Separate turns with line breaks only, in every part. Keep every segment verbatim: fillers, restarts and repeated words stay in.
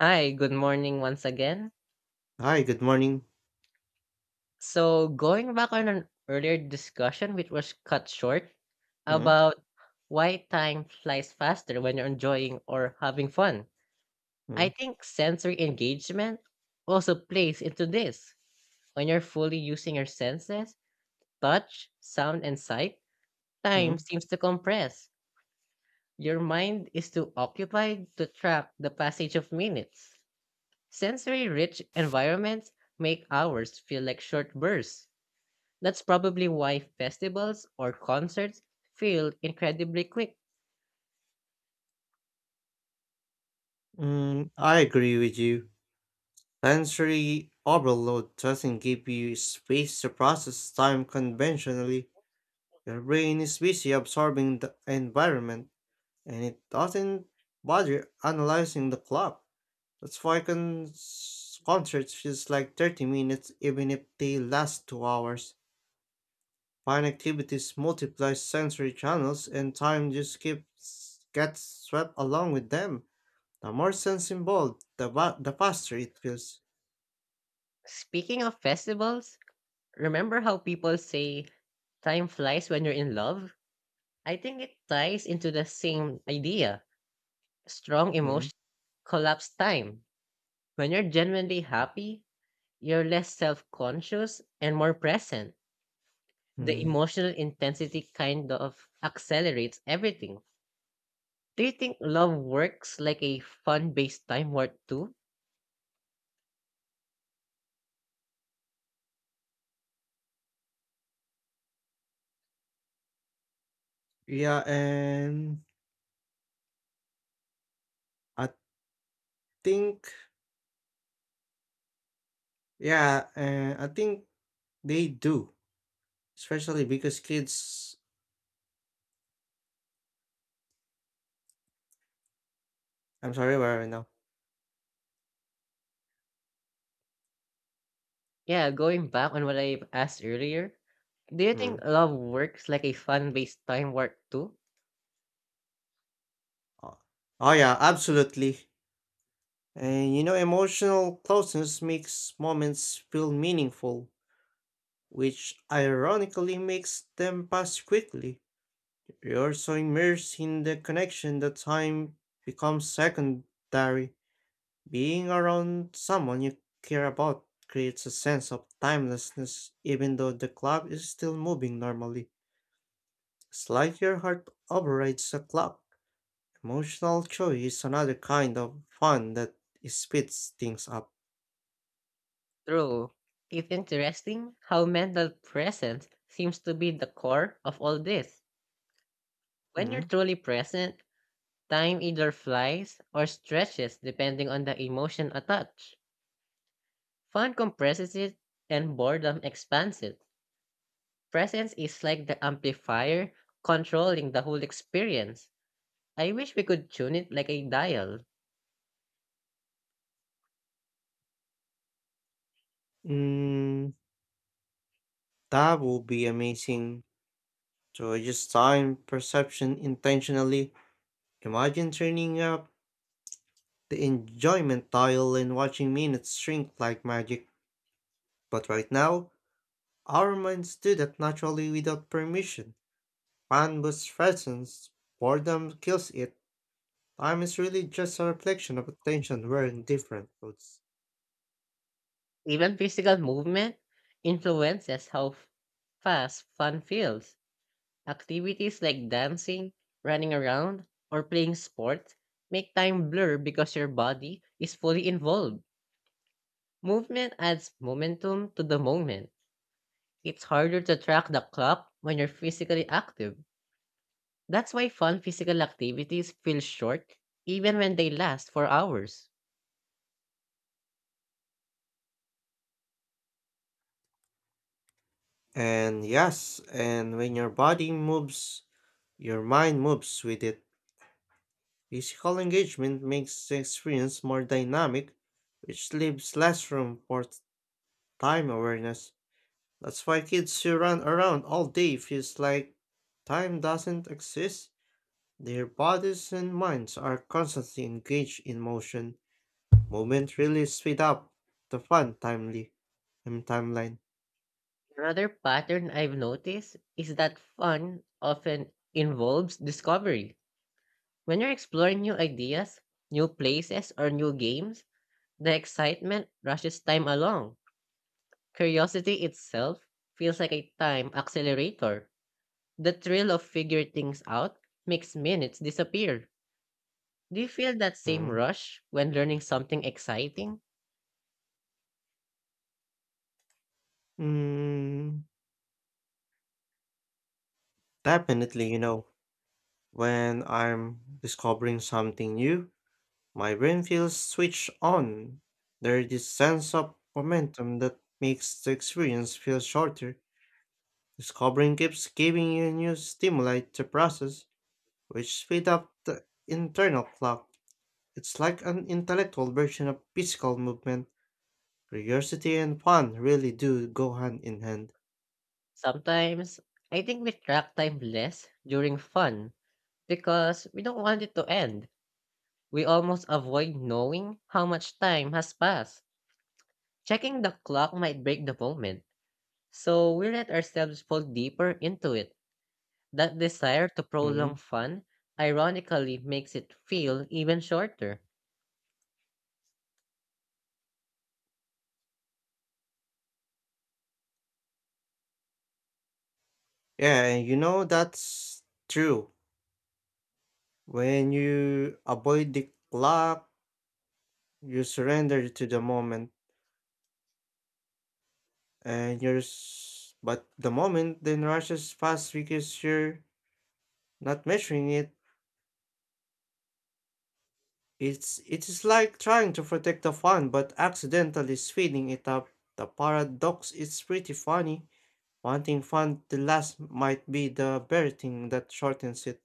Hi, good morning once again.
Hi, good morning.
So, going back on an earlier discussion, which was cut short,
Mm,
about why time flies faster when you're enjoying or having fun, I
mm,
think sensory engagement also plays into this. When you're fully using your senses, touch, sound, and sight, time
mm,
seems to compress. Your mind is too occupied to track the passage of minutes. Sensory rich environments make hours feel like short bursts. That's probably why festivals or concerts feel incredibly quick.
mm, I agree with you. Sensory overload doesn't give you space to process time conventionally. Your brain is busy absorbing the environment, and it doesn't bother analyzing the clock. That's why con- concerts feels like thirty minutes even if they last two hours. Fine activities multiply sensory channels, and time just keeps gets swept along with them. The more sense involved, the va the faster it feels.
Speaking of festivals, remember how people say time flies when you're in love? I think it ties into the same idea. Strong
Mm,
emotion collapse time. When you're genuinely happy, you're less self conscious and more present. The
mm.
emotional intensity kind of accelerates everything. Do you think love works like a fun-based time warp too?
Yeah, and I think yeah, and I think they do, especially because kids. I'm sorry, where are we now?
Yeah, going back on what I asked earlier, do you think
Mm.
love works like a fun-based time warp too?
Oh, oh yeah, absolutely. And you know, emotional closeness makes moments feel meaningful, which ironically makes them pass quickly. You're so immersed in the connection that time becomes secondary. Being around someone you care about creates a sense of timelessness, even though the clock is still moving normally. It's like your heart overrides the clock. Emotional joy is another kind of fun that speeds things up.
True. It's interesting how mental presence seems to be the core of all this. When you're
Mm,
truly present, time either flies or stretches depending on the emotion attached. Fun compresses it and boredom expands it. Presence is like the amplifier controlling the whole experience. I wish we could tune it like a dial.
mm, that would be amazing. To adjust time perception intentionally. Imagine turning up the enjoyment dial and watching minutes shrink like magic. But right now, our minds do that naturally without permission. Fun Fanbus threatens, boredom kills it. Time is really just a reflection of attention wearing different clothes.
Even physical movement influences how f- fast fun feels. Activities like dancing, running around, or playing sports make time blur because your body is fully involved. Movement adds momentum to the moment. It's harder to track the clock when you're physically active. That's why fun physical activities feel short even when they last for hours.
And yes, and when your body moves, your mind moves with it. Physical engagement makes the experience more dynamic, which leaves less room for time awareness. That's why kids who run around all day feels like time doesn't exist. Their bodies and minds are constantly engaged in motion. Movement really speed up the fun timely um, timeline.
Another pattern I've noticed is that fun often involves discovery. When you're exploring new ideas, new places, or new games, the excitement rushes time along. Curiosity itself feels like a time accelerator. The thrill of figuring things out makes minutes disappear. Do you feel that same
Hmm.
rush when learning something exciting?
Mm, definitely, you know, when I'm discovering something new, my brain feels switched on. There's this sense of momentum that makes the experience feel shorter. Discovering keeps giving you new stimuli to process, which speed up the internal clock. It's like an intellectual version of physical movement. Curiosity and fun really do go hand in hand.
Sometimes, I think we track time less during fun because we don't want it to end. We almost avoid knowing how much time has passed. Checking the clock might break the moment, so we let ourselves fall deeper into it. That desire to
Mhm.
prolong fun ironically makes it feel even shorter.
Yeah, and you know that's true. When you avoid the clock, you surrender to the moment, and you're s- but the moment then rushes fast because you're not measuring it. It's it is like trying to protect the fun but accidentally speeding it up. The paradox is pretty funny. Wanting fun to last might be the very thing that shortens it.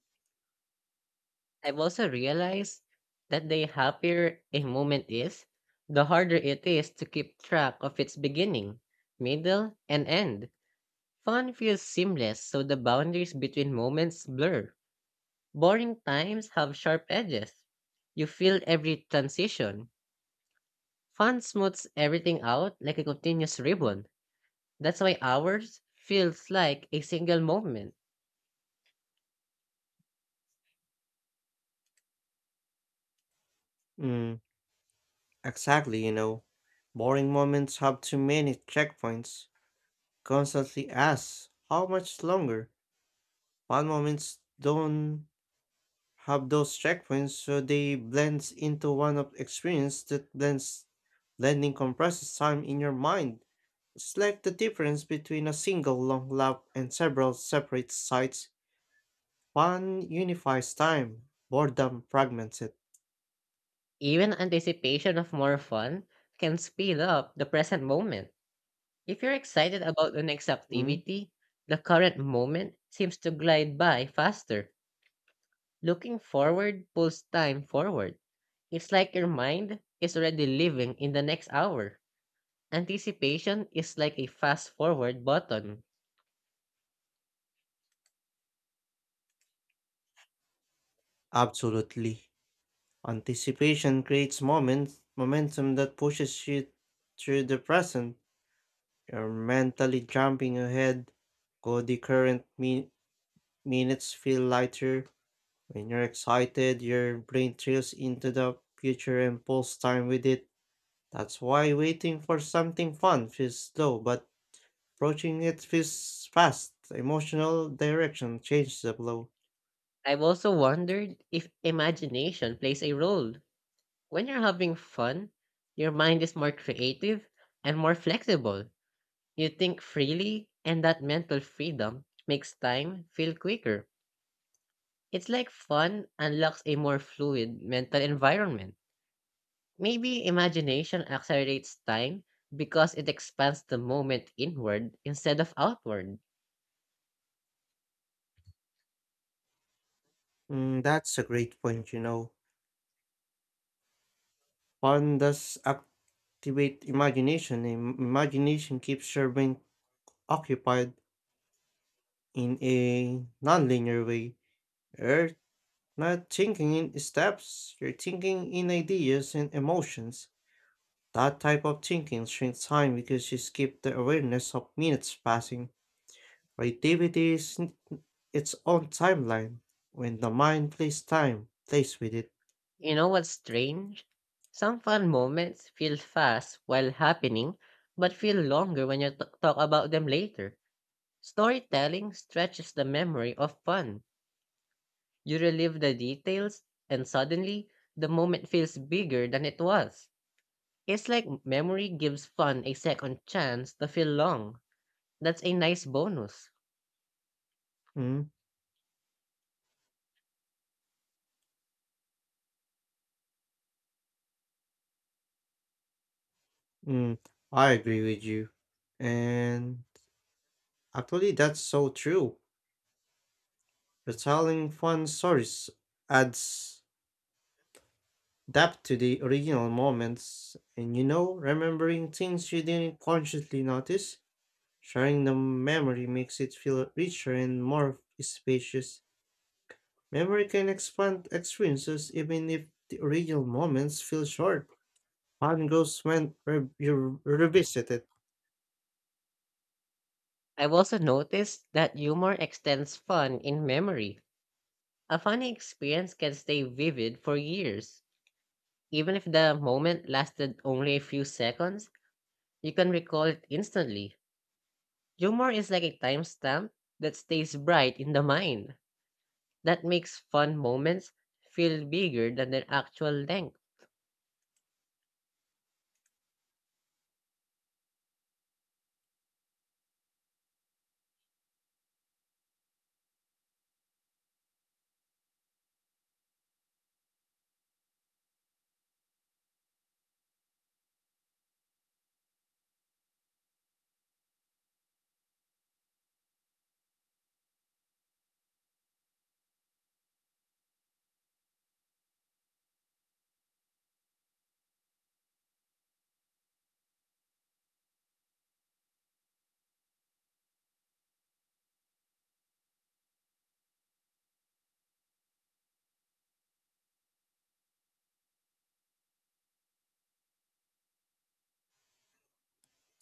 I've also realized that the happier a moment is, the harder it is to keep track of its beginning, middle, and end. Fun feels seamless, so the boundaries between moments blur. Boring times have sharp edges. You feel every transition. Fun smooths everything out like a continuous ribbon. That's why ours feels like a single moment.
Mm, exactly, you know. Boring moments have too many checkpoints. Constantly ask, how much longer? Fun moments don't have those checkpoints, so they blend into one of experience that blends. Blending compresses time in your mind. It's like the difference between a single long lap and several separate sites. Fun unifies time, boredom fragments it.
Even anticipation of more fun can speed up the present moment. If you're excited about the next
Mm.
activity, the current moment seems to glide by faster. Looking forward pulls time forward. It's like your mind is already living in the next hour. Anticipation is like a fast forward button.
Absolutely. Anticipation creates moments, momentum that pushes you through the present. You're mentally jumping ahead, so the current min- minutes feel lighter. When you're excited, your brain trails into the future and pulls time with it. That's why waiting for something fun feels slow, but approaching it feels fast. Emotional direction changes the flow.
I've also wondered if imagination plays a role. When you're having fun, your mind is more creative and more flexible. You think freely, and that mental freedom makes time feel quicker. It's like fun unlocks a more fluid mental environment. Maybe imagination accelerates time because it expands the moment inward instead of outward.
Mm, that's a great point, you know. Fun does activate imagination, and imagination keeps your brain occupied in a nonlinear way. You're not thinking in steps, you're thinking in ideas and emotions. That type of thinking shrinks time because you skip the awareness of minutes passing. Creativity is n- its own timeline. When the mind plays time, plays with it.
You know what's strange? Some fun moments feel fast while happening, but feel longer when you t- talk about them later. Storytelling stretches the memory of fun. You relive the details, and suddenly, the moment feels bigger than it was. It's like memory gives fun a second chance to feel long. That's a nice bonus.
Mm, mm, I agree with you. And actually, that's so true. Retelling fun stories adds depth to the original moments, and you know, remembering things you didn't consciously notice, sharing the memory makes it feel richer and more spacious. Memory can expand experiences even if the original moments feel short. Fun grows when re- you revisit it.
I've also noticed that humor extends fun in memory. A funny experience can stay vivid for years. Even if the moment lasted only a few seconds, you can recall it instantly. Humor is like a timestamp that stays bright in the mind. That makes fun moments feel bigger than their actual length.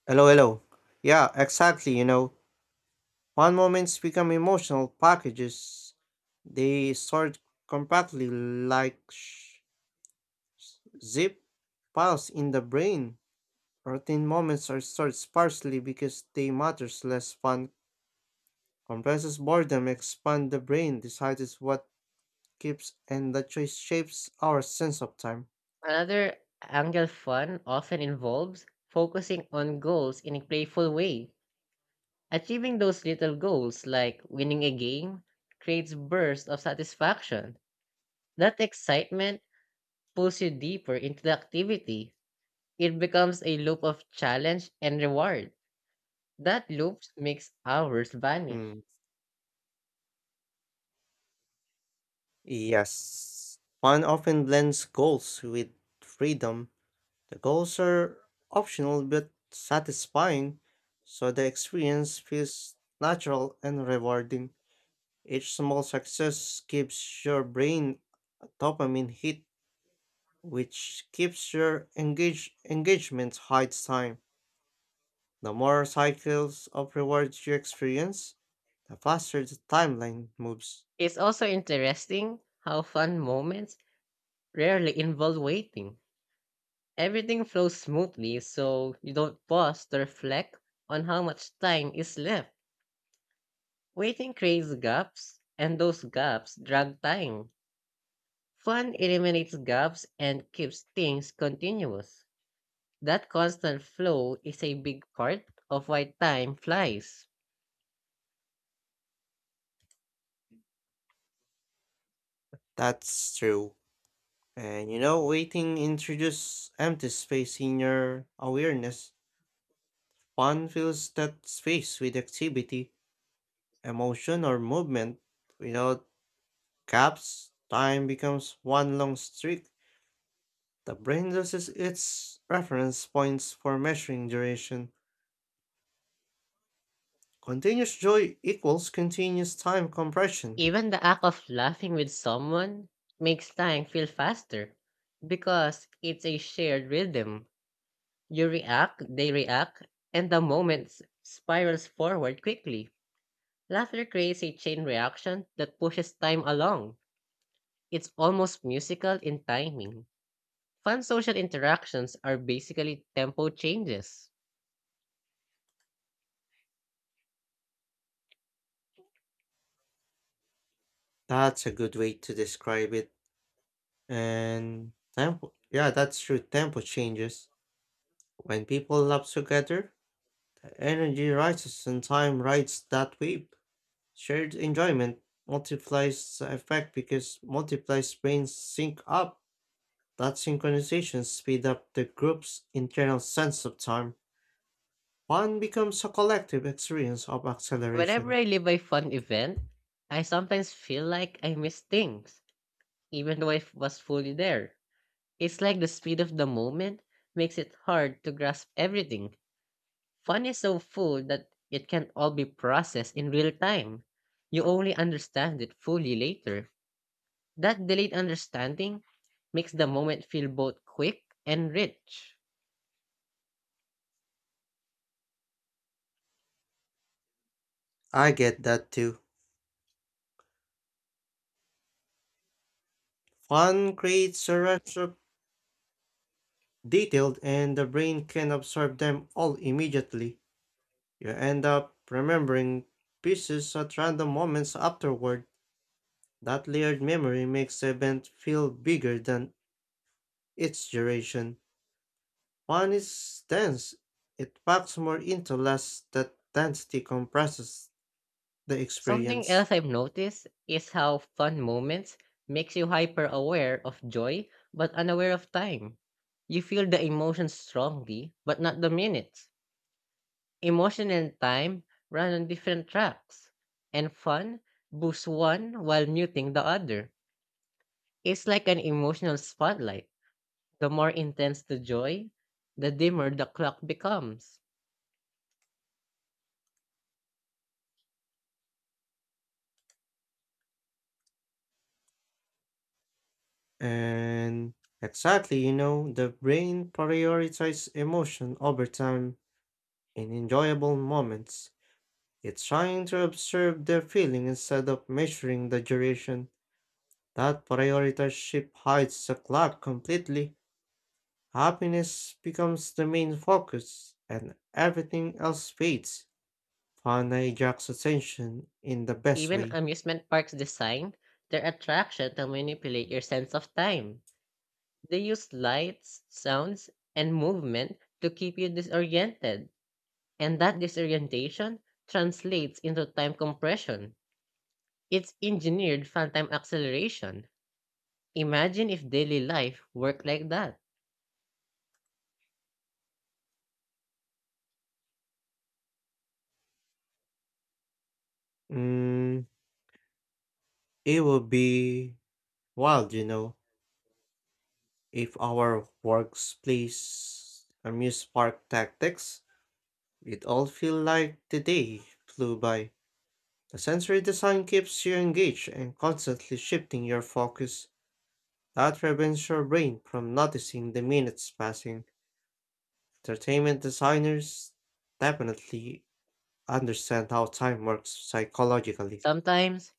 Hello, hello. Yeah, exactly, you know. Fun moments become emotional packages. They sort compactly like sh- zip files in the brain. Routine moments are stored sparsely because they matters less fun. Compresses boredom, expand the brain, decides what keeps, and the choice shapes our sense of time.
Another angle, fun often involves focusing on goals in a playful way. Achieving those little goals, like winning a game,
Adhering
creates
basket
bursts of
of rolls.
satisfaction. That excitement pulls you deeper into the activity. It becomes a loop of challenge and reward. That loop makes hours vanish.
Mm, yes. One often blends goals with freedom. The goals are optional but satisfying, so the experience feels natural and rewarding. Each small success gives your brain a dopamine hit, which keeps your engage engagement high time. The more cycles of rewards you experience, the faster the timeline moves.
It's also interesting how fun moments rarely involve waiting. Everything flows smoothly, so you don't pause to reflect on how much time is left. Waiting creates gaps, and those gaps drag time. Fun eliminates gaps and keeps things continuous. That constant flow is a big part of why time flies.
That's true. And you know, waiting introduces empty space in your awareness. One fills that space with activity, emotion, or movement. Without gaps, time becomes one long streak. The brain uses its reference points for measuring duration. Continuous joy equals continuous time compression.
Even the act of laughing with someone makes time feel faster because it's a shared rhythm. You react, they react, and the moment s- spirals forward quickly. Laughter creates a chain reaction that pushes time along. It's almost musical in timing. Fun social interactions are basically tempo changes.
That's a good way to describe it. And tempo, yeah, that's true. Tempo changes. When people love together, energy rises and time rides that wave. Shared enjoyment multiplies the effect because multiplies brains sync up. That synchronization speeds up the group's internal sense of time. Fun becomes a collective experience of
Whenever
acceleration.
I live a fun event, I sometimes feel like I miss things, even though I f- was fully there. It's like the speed of the moment makes it hard to grasp everything. Fun is so full that it can't all be processed in real time. You only understand it fully later. That delayed understanding makes the moment feel both quick and rich.
I get that too. Fun creates a rush of detailed and the brain can absorb them all immediately. You end up remembering pieces at random moments afterward. That layered memory makes the event feel bigger than its duration. Fun is dense. It packs more into less that density compresses the
Something
experience.
else I've noticed is how fun moments makes you hyper aware of joy but unaware of time. You feel the emotions strongly but not the minutes. Emotion and time run on different tracks, and fun boosts one while muting the other. It's like an emotional spotlight. The more intense the joy, the dimmer the clock becomes.
And exactly, you know, the brain prioritizes emotion over time in enjoyable moments. It's trying to observe the feeling instead of measuring the duration. That prioritize hides the clock completely. Happiness becomes the main focus, and everything else fades. Fun hijacks attention in the best
Even
way.
amusement parks design their attraction to manipulate your sense of time. They use lights, sounds, and movement to keep you disoriented, and that disorientation translates into time compression. It's engineered phantom acceleration. Imagine if daily life worked like that.
Mm, it would be wild, you know. If our workplace amused park tactics, it all feel like the day flew by. The sensory design keeps you engaged and constantly shifting your focus. That prevents your brain from noticing the minutes passing. Entertainment designers definitely understand how time works psychologically.
Sometimes,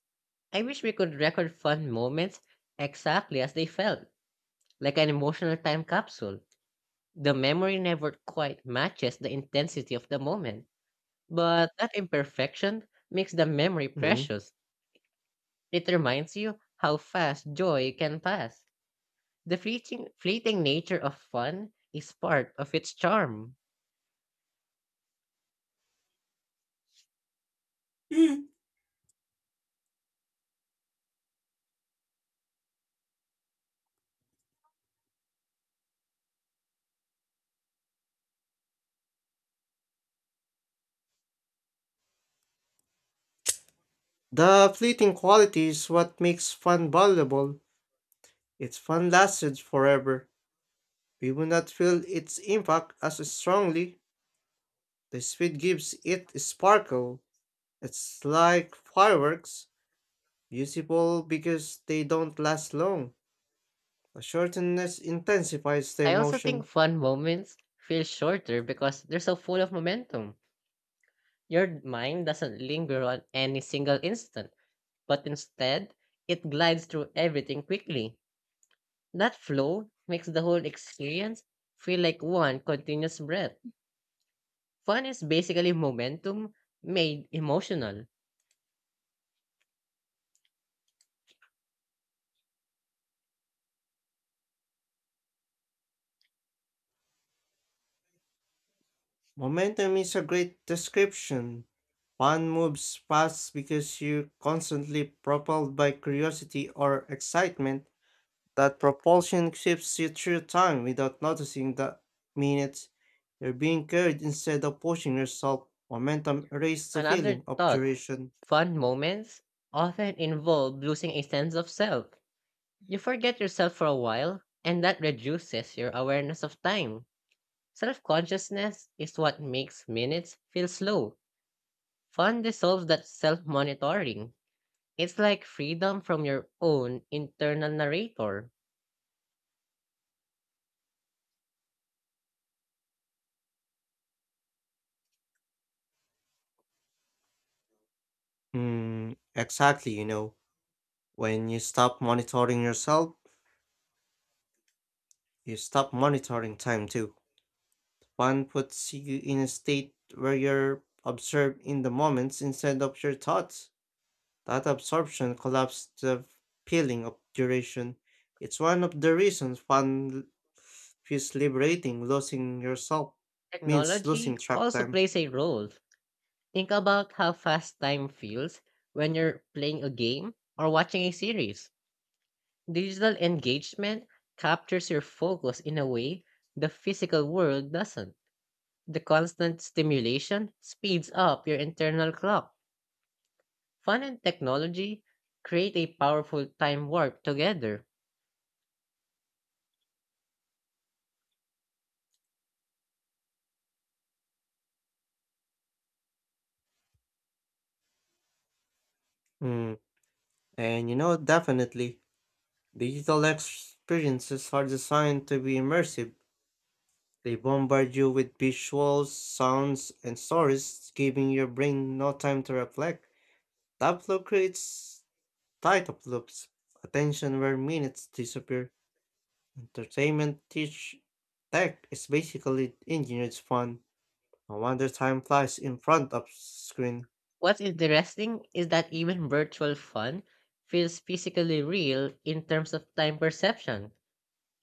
I wish we could record fun moments exactly as they felt, like an emotional time capsule. The memory never quite matches the intensity of the moment, but that imperfection makes the memory
Mm.
precious. It reminds you how fast joy can pass. The fleeting, fleeting nature of fun is part of its charm.
Mm. The fleeting quality is what makes fun valuable. It's fun lasted forever. We will not feel its impact as strongly. The speed gives it sparkle. It's like fireworks, beautiful because they don't last long. The shortness intensifies the
I also think
emotion.
fun moments feel shorter because they're so full of momentum. Your mind doesn't linger on any single instant, but instead, it glides through everything quickly. That flow makes the whole experience feel like one continuous breath. Fun is basically momentum made emotional.
Momentum is a great description. One moves fast because you're constantly propelled by curiosity or excitement. That propulsion shifts you through time without noticing the minutes. You're being carried instead of pushing yourself. Momentum erases the
Another
feeling of
thought,
duration.
fun moments often involve losing a sense of self. You forget yourself for a while, and that reduces your awareness of time. Self consciousness is what makes minutes feel slow. Fun dissolves that self monitoring. It's like freedom from your own internal narrator.
Hmm, exactly, you know. When you stop monitoring yourself, you stop monitoring time too. One puts you in a state where you're absorbed in the moments instead of your thoughts. That absorption collapses the feeling of duration. It's one of the reasons one feels liberating losing yourself means
Technology
losing track
also
time.
plays a role. Think about how fast time feels when you're playing a game or watching a series. Digital engagement captures your focus in a way the physical world doesn't. The constant stimulation speeds up your internal clock. Fun and technology create a powerful time warp together.
Mm. And you know, definitely, digital experiences are designed to be immersive. They bombard you with visuals, sounds, and stories, giving your brain no time to reflect. That flow creates tight loops, attention where minutes disappear. Entertainment teach Tech is basically engineered fun. No wonder time flies in front of screen.
What's interesting is that even virtual fun feels physically real in terms of time perception.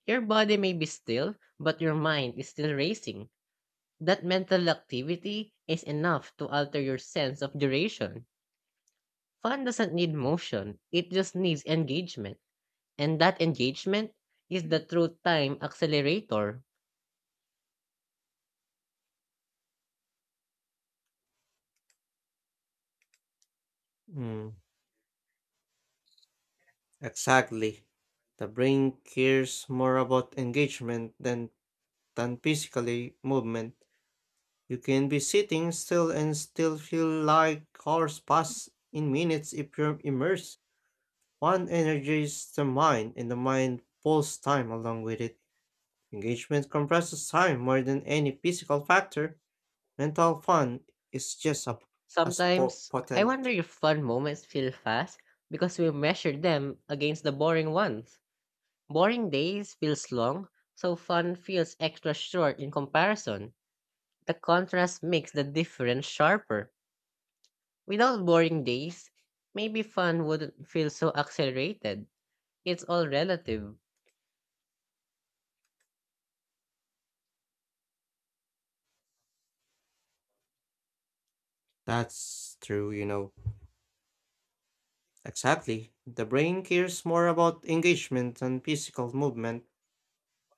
Your body may be still, but your mind is still racing. That mental activity is enough to alter your sense of duration. Fun doesn't need motion, it just needs engagement. And that engagement is the true time accelerator.
Mm, exactly. The brain cares more about engagement than than physically movement. You can be sitting still and still feel like hours pass in minutes if you're immersed. One energizes the mind and the mind pulls time along with it. Engagement compresses time more than any physical factor. Rental fun is just a, as po-
Sometimes, I wonder
potent.
if fun moments feel fast because we measure them against the boring ones. Boring days feels long, so fun feels extra short in comparison. The contrast makes the difference sharper. Without boring days, maybe fun wouldn't feel so accelerated. It's all relative.
That's true, you know. Exactly. The brain cares more about engagement and physical movement.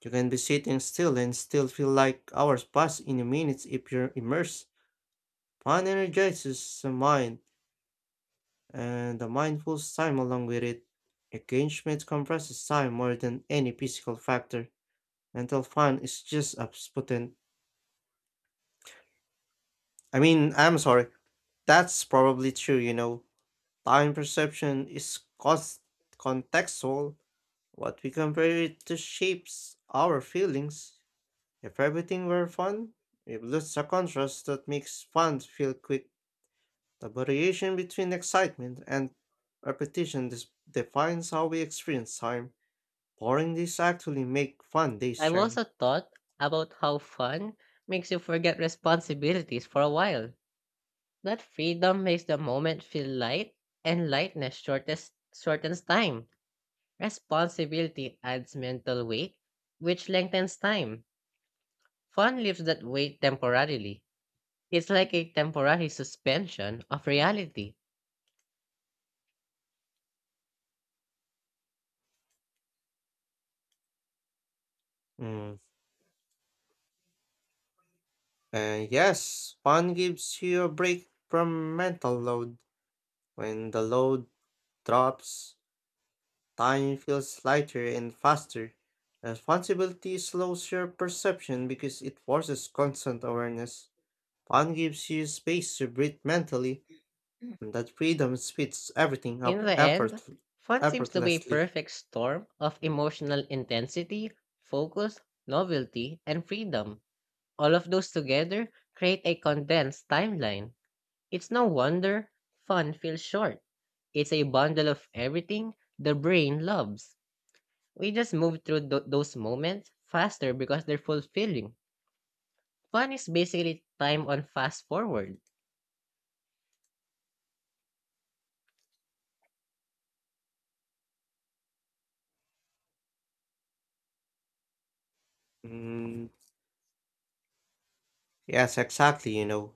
You can be sitting still and still feel like hours pass in a minute if you're immersed. Fun energizes the mind, and the mind pulls time along with it. Engagement compresses time more than any physical factor. Mental fun is just as potent. I mean, I'm sorry. That's probably true, you know. Time perception is cons- contextual. What we compare it to shapes our feelings. If everything were fun, we would lose the contrast that makes fun feel quick. The variation between excitement and repetition dis- defines how we experience time. Boring days actually make fun days
I've
shine.
also thought about how fun makes you forget responsibilities for a while. That freedom makes the moment feel light, and lightness shortest, shortens time. Responsibility adds mental weight, which lengthens time. Fun lifts that weight temporarily. It's like a temporary suspension of reality.
Hmm. And yes, fun gives you a break from mental load. When the load drops, time feels lighter and faster. Responsibility slows your perception because it forces constant awareness. Fun gives you space to breathe mentally, and that freedom speeds everything
In
up
the end,
effort,
fun seems to be a
effortlessly.
perfect storm of emotional intensity, focus, novelty, and freedom. All of those together create a condensed timeline. It's no wonder fun feels short. It's a bundle of everything the brain loves. We just move through tho- those moments faster because they're fulfilling. Fun is basically time on fast forward.
Mm, yes, exactly, you know.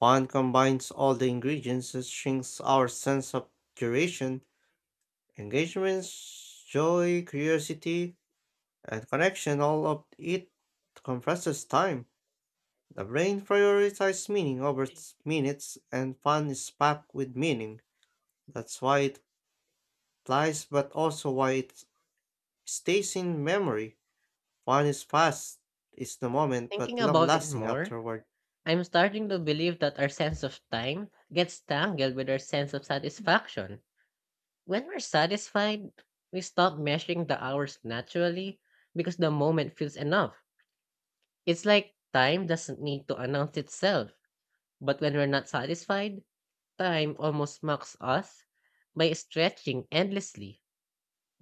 Fun combines all the ingredients that shrinks our sense of duration. Engagements, joy, curiosity, and connection all of it compresses time. The brain prioritizes meaning over s- minutes, and fun is packed with meaning. That's why it flies, but also why it stays in memory. Fun is fast, it's the moment,
Thinking
but long
about it
lasting
more,
afterward.
I'm starting to believe that our sense of time gets tangled with our sense of satisfaction. When we're satisfied, we stop measuring the hours naturally because the moment feels enough. It's like time doesn't need to announce itself. But when we're not satisfied, time almost mocks us by stretching endlessly.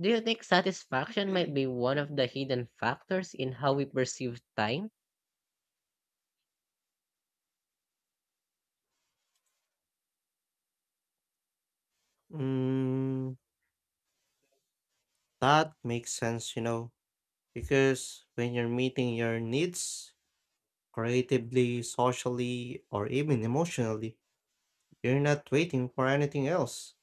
Do you think satisfaction might be one of the hidden factors in how we perceive time?
Mm, that makes sense, you know, because when you're meeting your needs creatively, socially, or even emotionally, you're not waiting for anything else.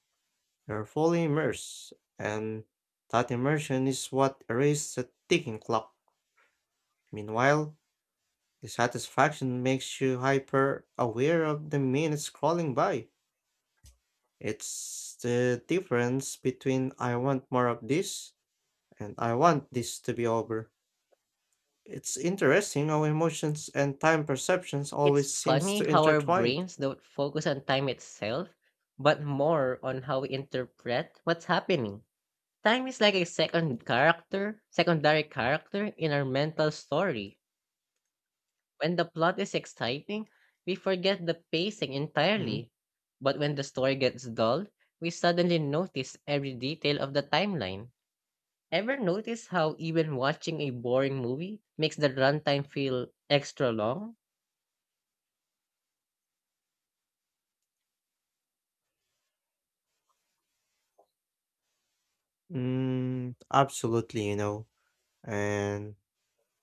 You're fully immersed, and that immersion is what erases the ticking clock. Meanwhile, the satisfaction makes you hyper aware of the minutes crawling by. It's the difference between I want more of this and I want this to be over. It's interesting how emotions and time perceptions
It's
always seems
funny
to
how our
intertwine.
brains don't focus on time itself, but more on how we interpret what's happening. Time is like a second character, secondary character in our mental story. When the plot is exciting, we forget the pacing
Mm,
entirely. But when the story gets dull, we suddenly notice every detail of the timeline. Ever notice how even watching a boring movie makes the runtime feel extra long?
mm, absolutely, you know. And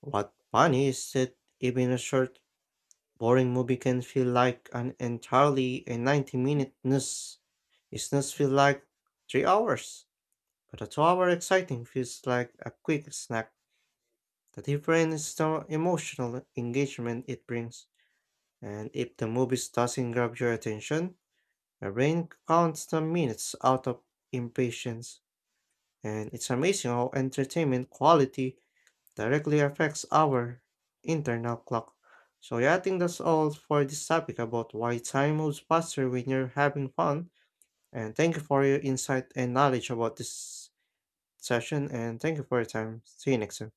what funny is that even a short, boring movie can feel like an entirely a ninety minute snooze. A snooze feels like three hours, but a two hour exciting feels like a quick snack. The difference is the emotional engagement it brings. And if the movie doesn't grab your attention, your brain counts the minutes out of impatience. And it's amazing how entertainment quality directly affects our internal clock. So yeah, I think that's all for this topic about why time moves faster when you're having fun. And thank you for your insight and knowledge about this session. And thank you for your time. See you next time.